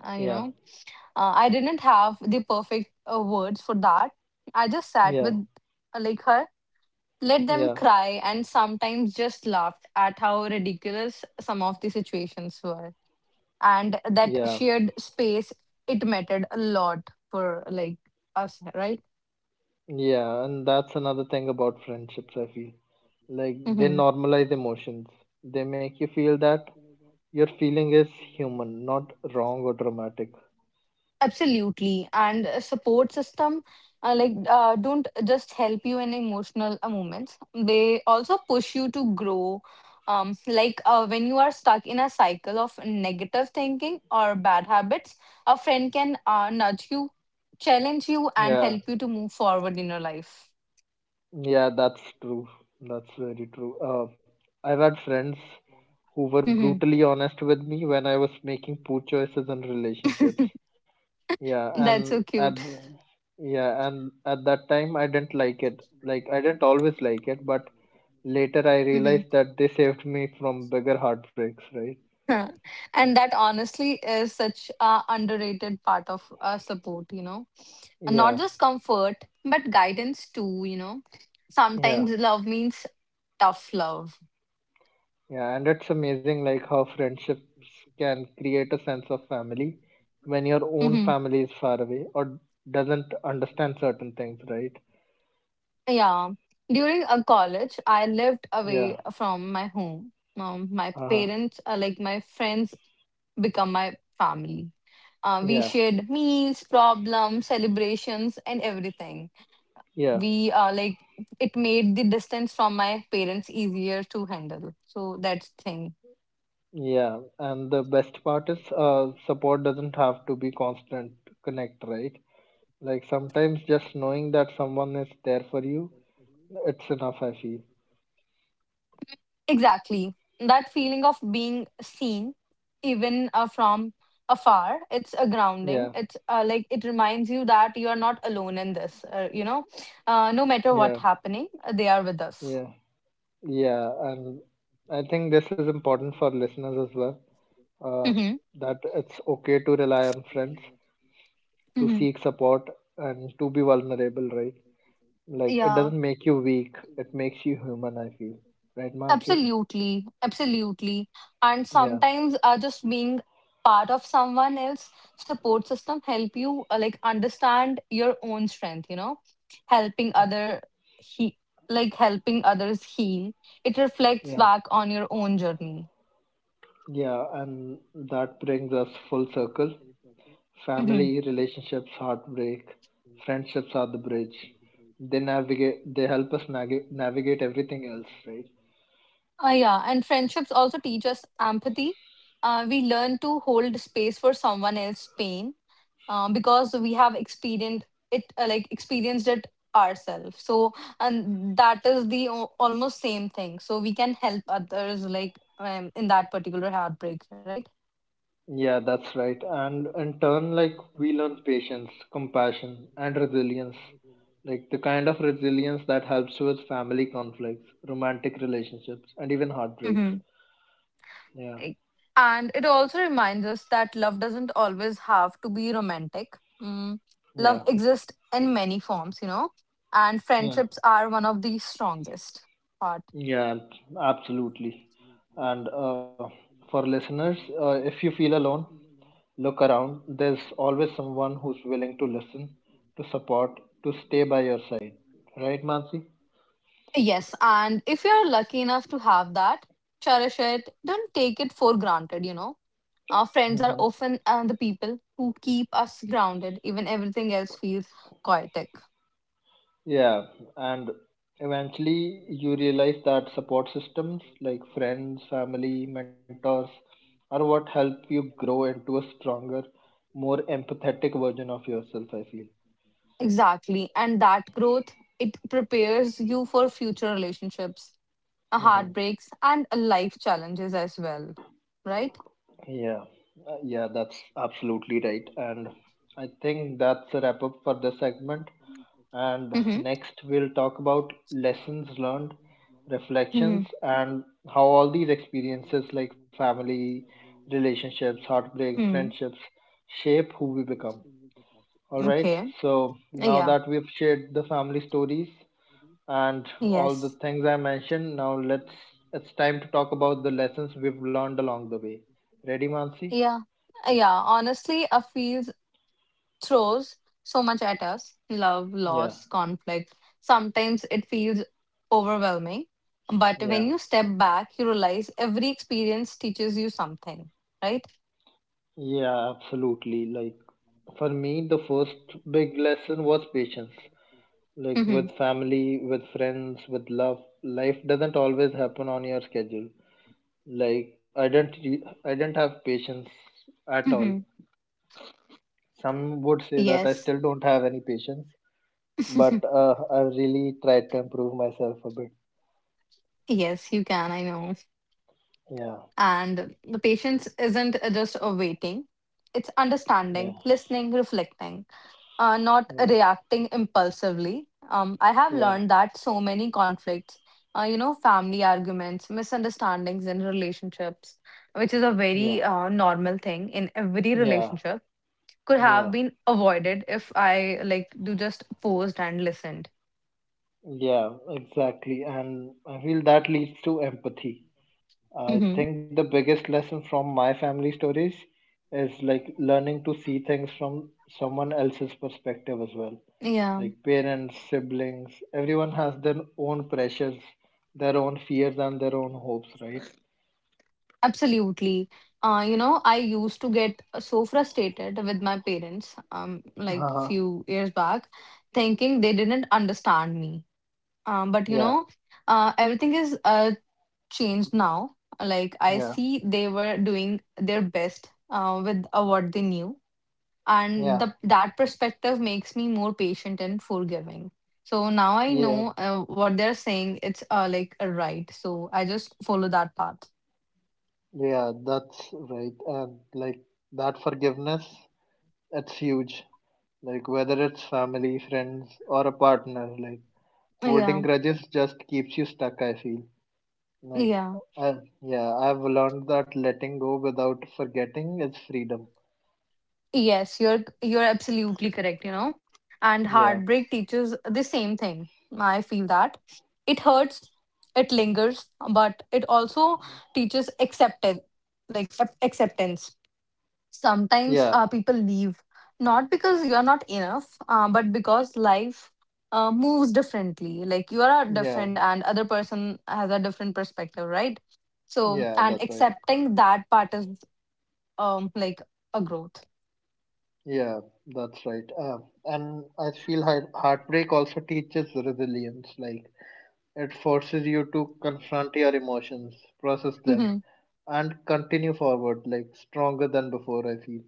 B: You
A: Yeah,
B: know, I didn't have the perfect words for that. I just sat
A: yeah,
B: with like her, let them
A: yeah,
B: cry, and sometimes just laughed at how ridiculous some of the situations were. And that
A: yeah,
B: shared space, it mattered a lot for like us, right?
A: yeah. And that's another thing about friendships, I feel. Like they
B: Mm-hmm.
A: normalize emotions. They make you feel that your feeling is human, not wrong or dramatic.
B: Absolutely. And a support system, like, don't just help you in emotional moments. They also push you to grow. Like when you are stuck in a cycle of negative thinking or bad habits, a friend can nudge you, challenge you, and
A: Yeah,
B: help you to move forward in your life.
A: yeah, that's true. That's very true. I've had friends who were
B: Mhm.
A: brutally honest with me when I was making poor choices in relationships. Yeah,
B: That's
A: and
B: so
A: at
B: cute.
A: yeah, and at that time I didn't like it. Like I didn't always like it, but later I realized that they saved me from bigger heartbreaks, right?
B: Huh, and that honestly is such a underrated part of support, you know. And not
A: Yeah,
B: just comfort but guidance too, you know,
A: yeah.
B: sometimes love means tough love.
A: Yeah, and it's amazing like how friendships can create a sense of family when your own
B: Hmm.
A: family is far away or doesn't understand certain things, right?
B: Yeah, during a college I lived
A: Yeah.
B: away from my home. Um, my
A: Uh-huh.
B: parents like my friends become my family. Uh, we
A: Yeah.
B: shared meals, problems, celebrations, and everything.
A: Yeah.
B: We like it made the distance from my parents easier to handle, so that's thing.
A: Yeah. And the best part is, support doesn't have to be constant connect, right? Like sometimes just knowing that someone is there for you, it's enough, I feel.
B: Exactly that feeling of being seen even from afar, it's a grounding,
A: Yeah.
B: it's like it reminds you that you are not alone in this, you know, no matter what
A: Yeah.
B: happening, they are with us.
A: Yeah. Yeah. And I think this is important for listeners as well, uh,
B: Mm-hmm.
A: that it's okay to rely on friends, to
B: Mm-hmm.
A: seek support, and to be vulnerable, right? Like, it
B: Yeah.
A: doesn't make you weak, it makes you human, I feel. Right, Mansi?
B: Absolutely, absolutely. And
A: Yeah,
B: sometimes just being part of someone else support system help you like understand your own strength, you know, helping other he like helping others heal. It reflects
A: yeah,
B: back on your own journey.
A: yeah. And that brings us full circle.
B: Hmm.
A: Family, relationships, heartbreak, friendships are the bridge. They navigate, they help us navigate everything else, right?
B: Yeah, and friendships also teach us empathy. We learn to hold space for someone else's pain, because we have experienced it ourselves. So and that is the almost same thing, so we can help others like in that particular heartbreak, right?
A: Yeah, that's right. And in turn, like we learn patience, compassion, and resilience. Like the kind of resilience that helps with family conflicts, romantic relationships, and even heartbreaks.
B: Mm-hmm.
A: Yeah,
B: Right. And it also reminds us that love doesn't always have to be romantic. Mm. Love
A: yeah,
B: exists in many forms, you know, and
A: yeah,
B: friendships are one of the strongest. Part.
A: yeah, absolutely. And for listeners, if you feel alone, look around. There's always someone who's willing to listen, to support, to stay by your side. Right, Mansi?
B: Yes, and if you're lucky enough to have that, cherish it. Don't take it for granted, you know. Our friends are often the people who keep us grounded, even everything else feels chaotic.
A: Yeah, and eventually you realize that support systems like friends, family, mentors are what help you grow into a stronger, more empathetic version of yourself, I feel.
B: Exactly. And that growth, it prepares you for future relationships,
A: Hmm.
B: heartbreaks, and life challenges as well. Right?
A: Yeah, yeah, that's absolutely right. And I think that's a wrap up for this segment. And
B: Mm-hmm.
A: next, we'll talk about lessons learned, reflections,
B: Mm-hmm.
A: and how all these experiences like family, relationships, heartbreak,
B: Mm.
A: friendships shape who we become. All right,
B: Okay.
A: so now
B: Yeah.
A: that we've shared the family stories and all the
B: Yes.
A: things I mentioned, now let's it's time to talk about the lessons we've learned along the way. Ready, Mansi?
B: Yeah, yeah. Honestly, a field throws so much at us, love,
A: Yeah,
B: loss, conflict. Sometimes it feels overwhelming. But when
A: yeah.
B: you step back, you realize every experience teaches you something, right?
A: Yeah, absolutely. Like for me, the first big lesson was patience. Like
B: Mm-hmm.
A: with family, with friends, with love, life doesn't always happen on your schedule. Like I didn't have patience at all.
B: Mm-hmm.
A: Some would say that I
B: Yes.
A: still don't have any patience, but I really tried to improve myself a bit.
B: Yes, you can. I know.
A: Yeah,
B: And the patience isn't just a waiting, it's
A: yeah,
B: understanding, listening, reflecting. Not
A: yeah,
B: reacting impulsively. I have
A: yeah,
B: learned that so many conflicts, family arguments, misunderstandings in relationships, which is a
A: yeah,
B: very normal thing in every
A: yeah,
B: relationship, could have
A: yeah,
B: been avoided if I like do just paused and listened.
A: yeah. Exactly, and I feel that leads to empathy. I
B: Hmm.
A: think the biggest lesson from my family stories is like learning to see things from someone else's perspective as well.
B: Yeah,
A: Like parents, siblings, everyone has their own pressures, their own fears, and their own hopes, right?
B: absolutely. I used to get so frustrated with my parents, like
A: Uh-huh.
B: few years back, thinking they didn't understand me. But you
A: Yeah,
B: know, everything is changed now. Like I
A: yeah,
B: see, they were doing their best with what they knew, and
A: yeah,
B: the that perspective makes me more patient and forgiving. So now I
A: yeah,
B: know what they're saying. It's like a right. So I just follow that path.
A: yeah, that's right. And like that forgiveness, it's huge. Like whether it's family, friends, or a partner, like
B: Yeah,
A: holding grudges just keeps you stuck, I feel. Like,
B: yeah.
A: uh, yeah, I've learned that letting go without forgetting is freedom.
B: Yes, you're absolutely correct, you know. And
A: Yeah,
B: heartbreak teaches the same thing. I feel that it hurts, it lingers, but it also teaches acceptance, like acceptance. Sometimes
A: yeah,
B: people leave not because you're not enough, but because life moves differently. Like you are
A: yeah,
B: different, and other person has a different perspective, right? So,
A: yeah,
B: and
A: that's right.
B: accepting that part is like a growth.
A: Yeah, that's right. And I feel heartbreak also teaches resilience. Like, it forces you to confront your emotions, process them,
B: Mm-hmm.
A: and continue forward, like, stronger than before, I feel.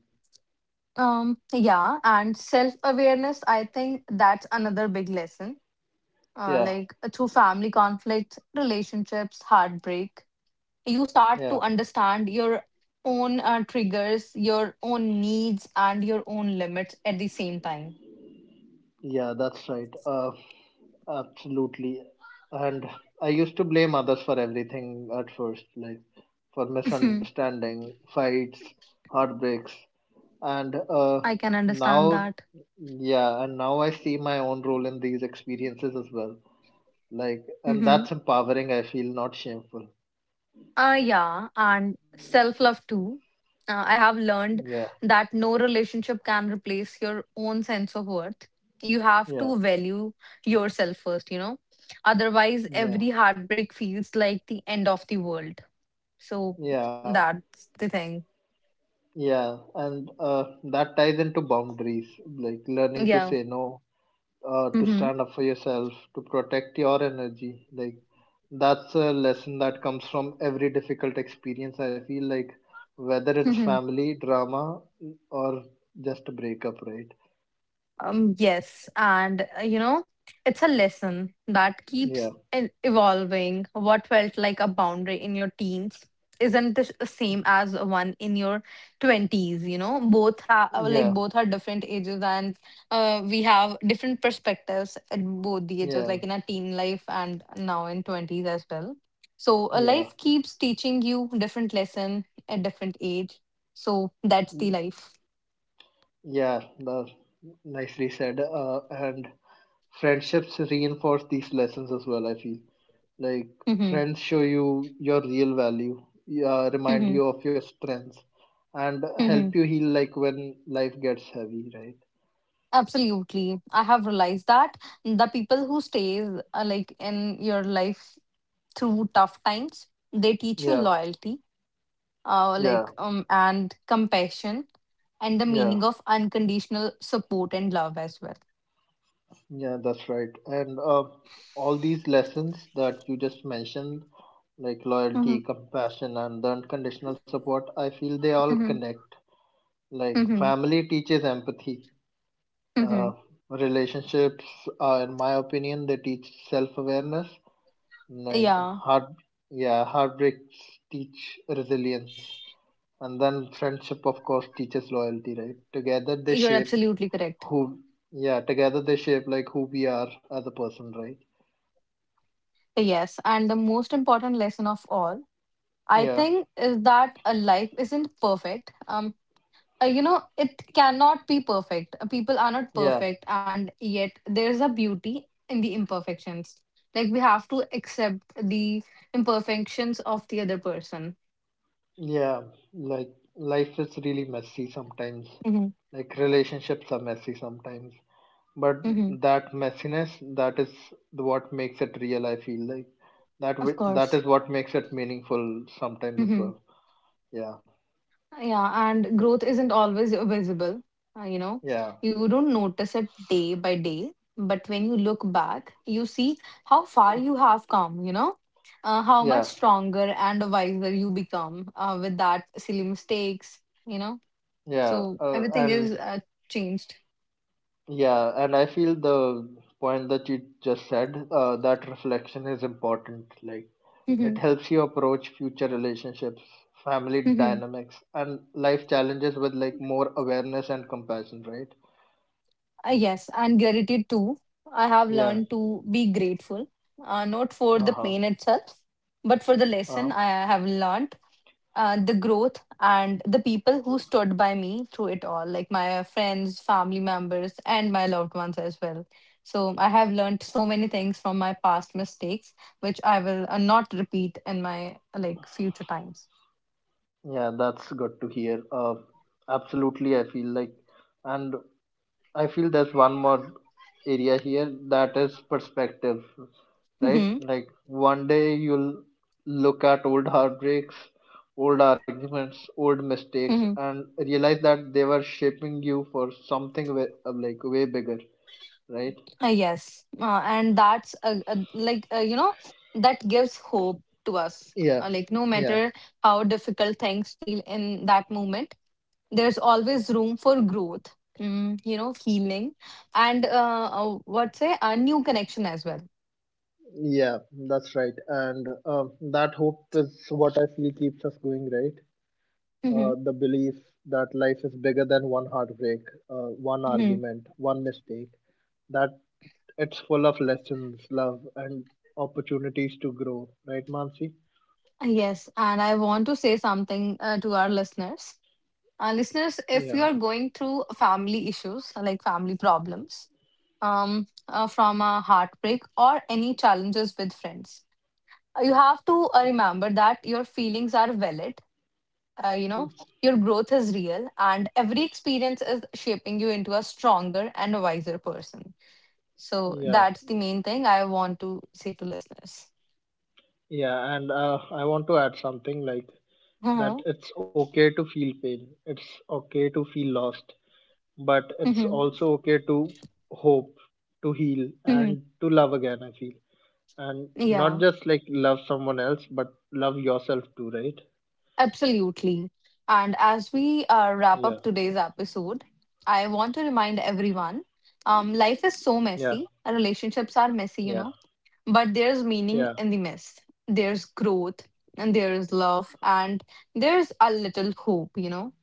B: Yeah, and self awareness, I think that's another big lesson.
A: Yeah,
B: Through family conflicts, relationships, heartbreak, you start
A: yeah,
B: to understand your own triggers, your own needs, and your own limits at the same time.
A: yeah, that's right. Absolutely. And I used to blame others for everything at first, like for
B: Mhm.
A: misunderstanding, fights, heartbreaks. And uh,
B: I can understand
A: now,
B: that.
A: yeah, and now I see my own role in these experiences as well. Like, and that's empowering, I feel, not shameful.
B: Yeah, and self love too. I have learned
A: Yeah,
B: that no relationship can replace your own sense of worth. You have
A: yeah,
B: to value yourself first, you know. Otherwise,
A: yeah,
B: every heartbreak feels like the end of the world. So
A: yeah,
B: that's the thing.
A: yeah. And that ties into boundaries, like learning to
B: Yeah.
A: say no to
B: Mm-hmm.
A: stand up for yourself, to protect your energy. Like that's a lesson that comes from every difficult experience. I feel like whether it's family drama or just a breakup, right?
B: Yes, and it's a lesson that keeps
A: Yeah,
B: evolving. What felt like a boundary in your teens isn't the same as one in your 20s, you know. Both have
A: yeah,
B: like both are different ages and we have different perspectives at both the ages,
A: yeah,
B: like in our teen life and now in 20s as well. So a
A: yeah,
B: life keeps teaching you different lesson at different age. So that's the
A: mm,
B: life.
A: yeah. That's nicely said. And friendships reinforce these lessons as well. I feel. Like
B: Mm-hmm.
A: friends show you your real value, yeah, remind
B: Mm-hmm.
A: you of your strengths, and help
B: Mm-hmm.
A: you heal like when life gets heavy, right?
B: Absolutely. I have realized that the people who stays in your life through tough times, they teach you
A: Yeah,
B: loyalty,
A: yeah,
B: and compassion, and the
A: yeah,
B: meaning of unconditional support and love as well.
A: yeah, that's right. And all these lessons that you just mentioned, like
B: Mm-hmm.
A: loyalty, compassion, and the unconditional support, I feel they all
B: Mm-hmm.
A: connect. Like
B: Mm-hmm.
A: family teaches empathy,
B: Mm-hmm.
A: uh, relationships, in my opinion, they teach self awareness, like
B: Yeah,
A: heart yeah, heartbreaks teach resilience, and then friendship of course teaches loyalty, right? Together they
B: you're
A: shape
B: absolutely correct.
A: who yeah, together they shape like who we are as a person, right?
B: Yes, and the most important lesson of all, I
A: Yeah,
B: think, is that a life isn't perfect. You know, it cannot be perfect. People are not
A: yeah,
B: perfect, and yet there's a beauty in the imperfections, like we have to accept the imperfections of the other person.
A: yeah. Like life is really messy sometimes,
B: Mm-hmm.
A: like relationships are messy sometimes, but
B: Mm-hmm.
A: that messiness, that is what makes it real, I feel like
B: Of
A: that
B: course.
A: is what makes it meaningful sometimes as well. Yeah,
B: Yeah, and growth isn't always visible. You know,
A: yeah,
B: you don't notice it day by day, but when you look back, you see how far you have come, you know, how much
A: yeah.
B: stronger and wiser you become with that silly mistakes, you know.
A: Yeah,
B: So
A: uh,
B: everything
A: and
B: is changed.
A: yeah, and I feel the point that you just said, that reflection is important. Like, it
B: Mhm.
A: helps you approach future relationships, family
B: Mhm.
A: dynamics, and life challenges with like more awareness and compassion, right?
B: Yes, and gratitude too. I have
A: Yeah,
B: learned to be grateful, not for the
A: uh-huh,
B: pain itself, but for the
A: uh-huh.
B: lesson I have learned, the growth, and the people who stood by me through it all, like my friends, family members, and my loved ones as well. So I have learned so many things from my past mistakes, which I will not repeat in my like future times.
A: Yeah, that's good to hear. Absolutely, I feel like, and I feel there's one more area here that is perspective, right?
B: Mm-hmm.
A: Like one day you'll look at old heartbreaks, old arguments, old mistakes,
B: Mm-hmm.
A: and realize that they were shaping you for something way, like way bigger, right?
B: Yes, and that's like you know, that gives hope to us.
A: Yeah,
B: Like no
A: yeah,
B: matter how difficult things feel in that moment, there's always room for growth. Mm, you know, healing, and what say a new connection as well.
A: yeah, that's right. And that hope is what I feel keeps us going, right?
B: Hmm.
A: The belief that life is bigger than one heartbreak, one
B: Hmm.
A: argument, one mistake, that it's full of lessons, love, and opportunities to grow, right, Mansi?
B: Yes, and I want to say something to our listeners.
A: Yeah,
B: Listeners, if you are going through family issues, like family problems, from a heartbreak or any challenges with friends, you have to remember that your feelings are valid. You know, your growth is real, and every experience is shaping you into a stronger and wiser person. So
A: yeah,
B: that's the main thing I want to say to listeners.
A: yeah. And I want to add something like that
B: Uh-huh.
A: it's okay to feel pain, it's okay to feel lost, but it's
B: Mhm.
A: also okay to hope, to heal,
B: Mhm.
A: and to love again. I feel, and
B: Yeah.
A: not just like love someone else, but love yourself too, right?
B: Absolutely. And as
A: Yeah,
B: we wrap up today's episode, I want to remind everyone, life is
A: yeah,
B: so messy. Relationships are
A: yeah,
B: messy, you know, but there's
A: yeah,
B: meaning in the mess. There's growth, and there is love, and there's a little hope, you know.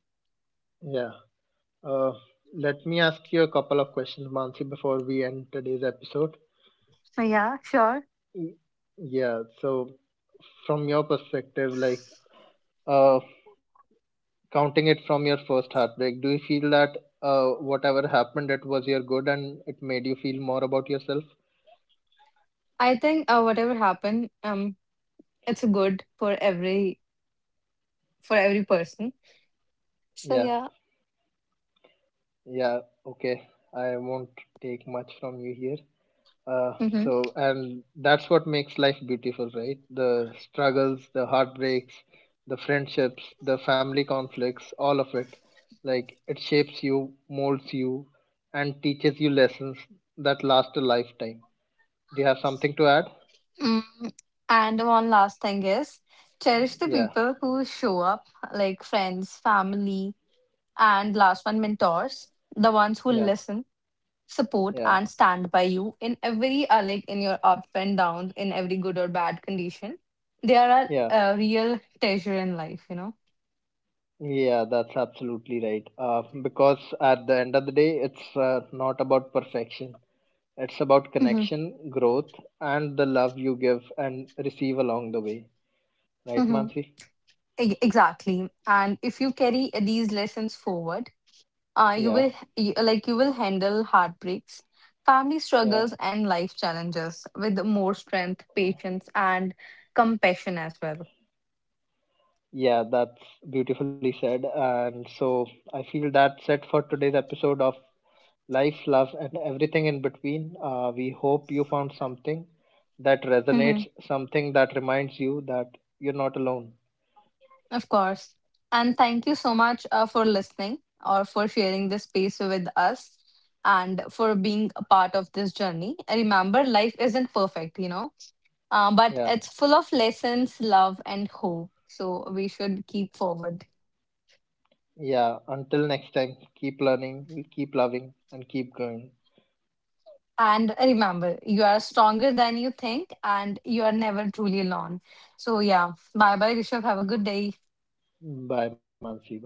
A: yeah. Uh, let me ask you a couple of questions, Mansi, before we end today's episode.
B: So, yeah, sure.
A: Y- Yeah, so from your perspective, like uh, counting it from your first heartbreak, do you feel that whatever happened, it was your good and it made you feel more about yourself?
B: I think whatever happened, it's good for every person. So
A: Yeah,
B: yeah.
A: yeah, okay. I won't take much from you here. Uh,
B: Mm-hmm.
A: so, and that's what makes life beautiful, right? The struggles, the heartbreaks, the friendships, the family conflicts, all of it. Like, it shapes you, molds you, and teaches you lessons that last a lifetime. Do you have something to add?
B: Mm. And one last thing is, cherish the
A: Yeah,
B: people who show up, like friends, family, and last one, mentors, the ones who
A: yeah,
B: listen, support,
A: yeah,
B: and stand by you in every, in your up and downs, in every good or bad condition. They are
A: yeah.
B: a real treasure in life, you know?
A: Yeah, that's absolutely right. Because at the end of the day, it's not about perfection. It's about
B: Hmm.
A: connection, growth, and the love you give and receive along the way. Right,
B: Hmm.
A: Mansi?
B: Exactly. And if you carry these lessons forward,
A: Yeah,
B: you will handle heartbreaks, family
A: yeah,
B: struggles, and life challenges with more strength, patience, and compassion as well.
A: yeah, that's beautifully said. And so I feel that's it for today's episode of Life, Love, and Everything in Between. We hope you found something that
B: Mhm.
A: resonates, something that reminds you that you're not alone.
B: Of course. And thank you so much for listening or for sharing this space with us, and for being a part of this journey. Remember, life isn't perfect, you know, but
A: Yeah,
B: it's full of lessons, love, and hope, so we should keep forward.
A: yeah. Until next time, keep learning, keep loving, and keep growing.
B: And remember, you are stronger than you think, and you are never truly alone. So, yeah, bye bye, Rishabh. Have a good day.
A: Bye, Mansi. Bye.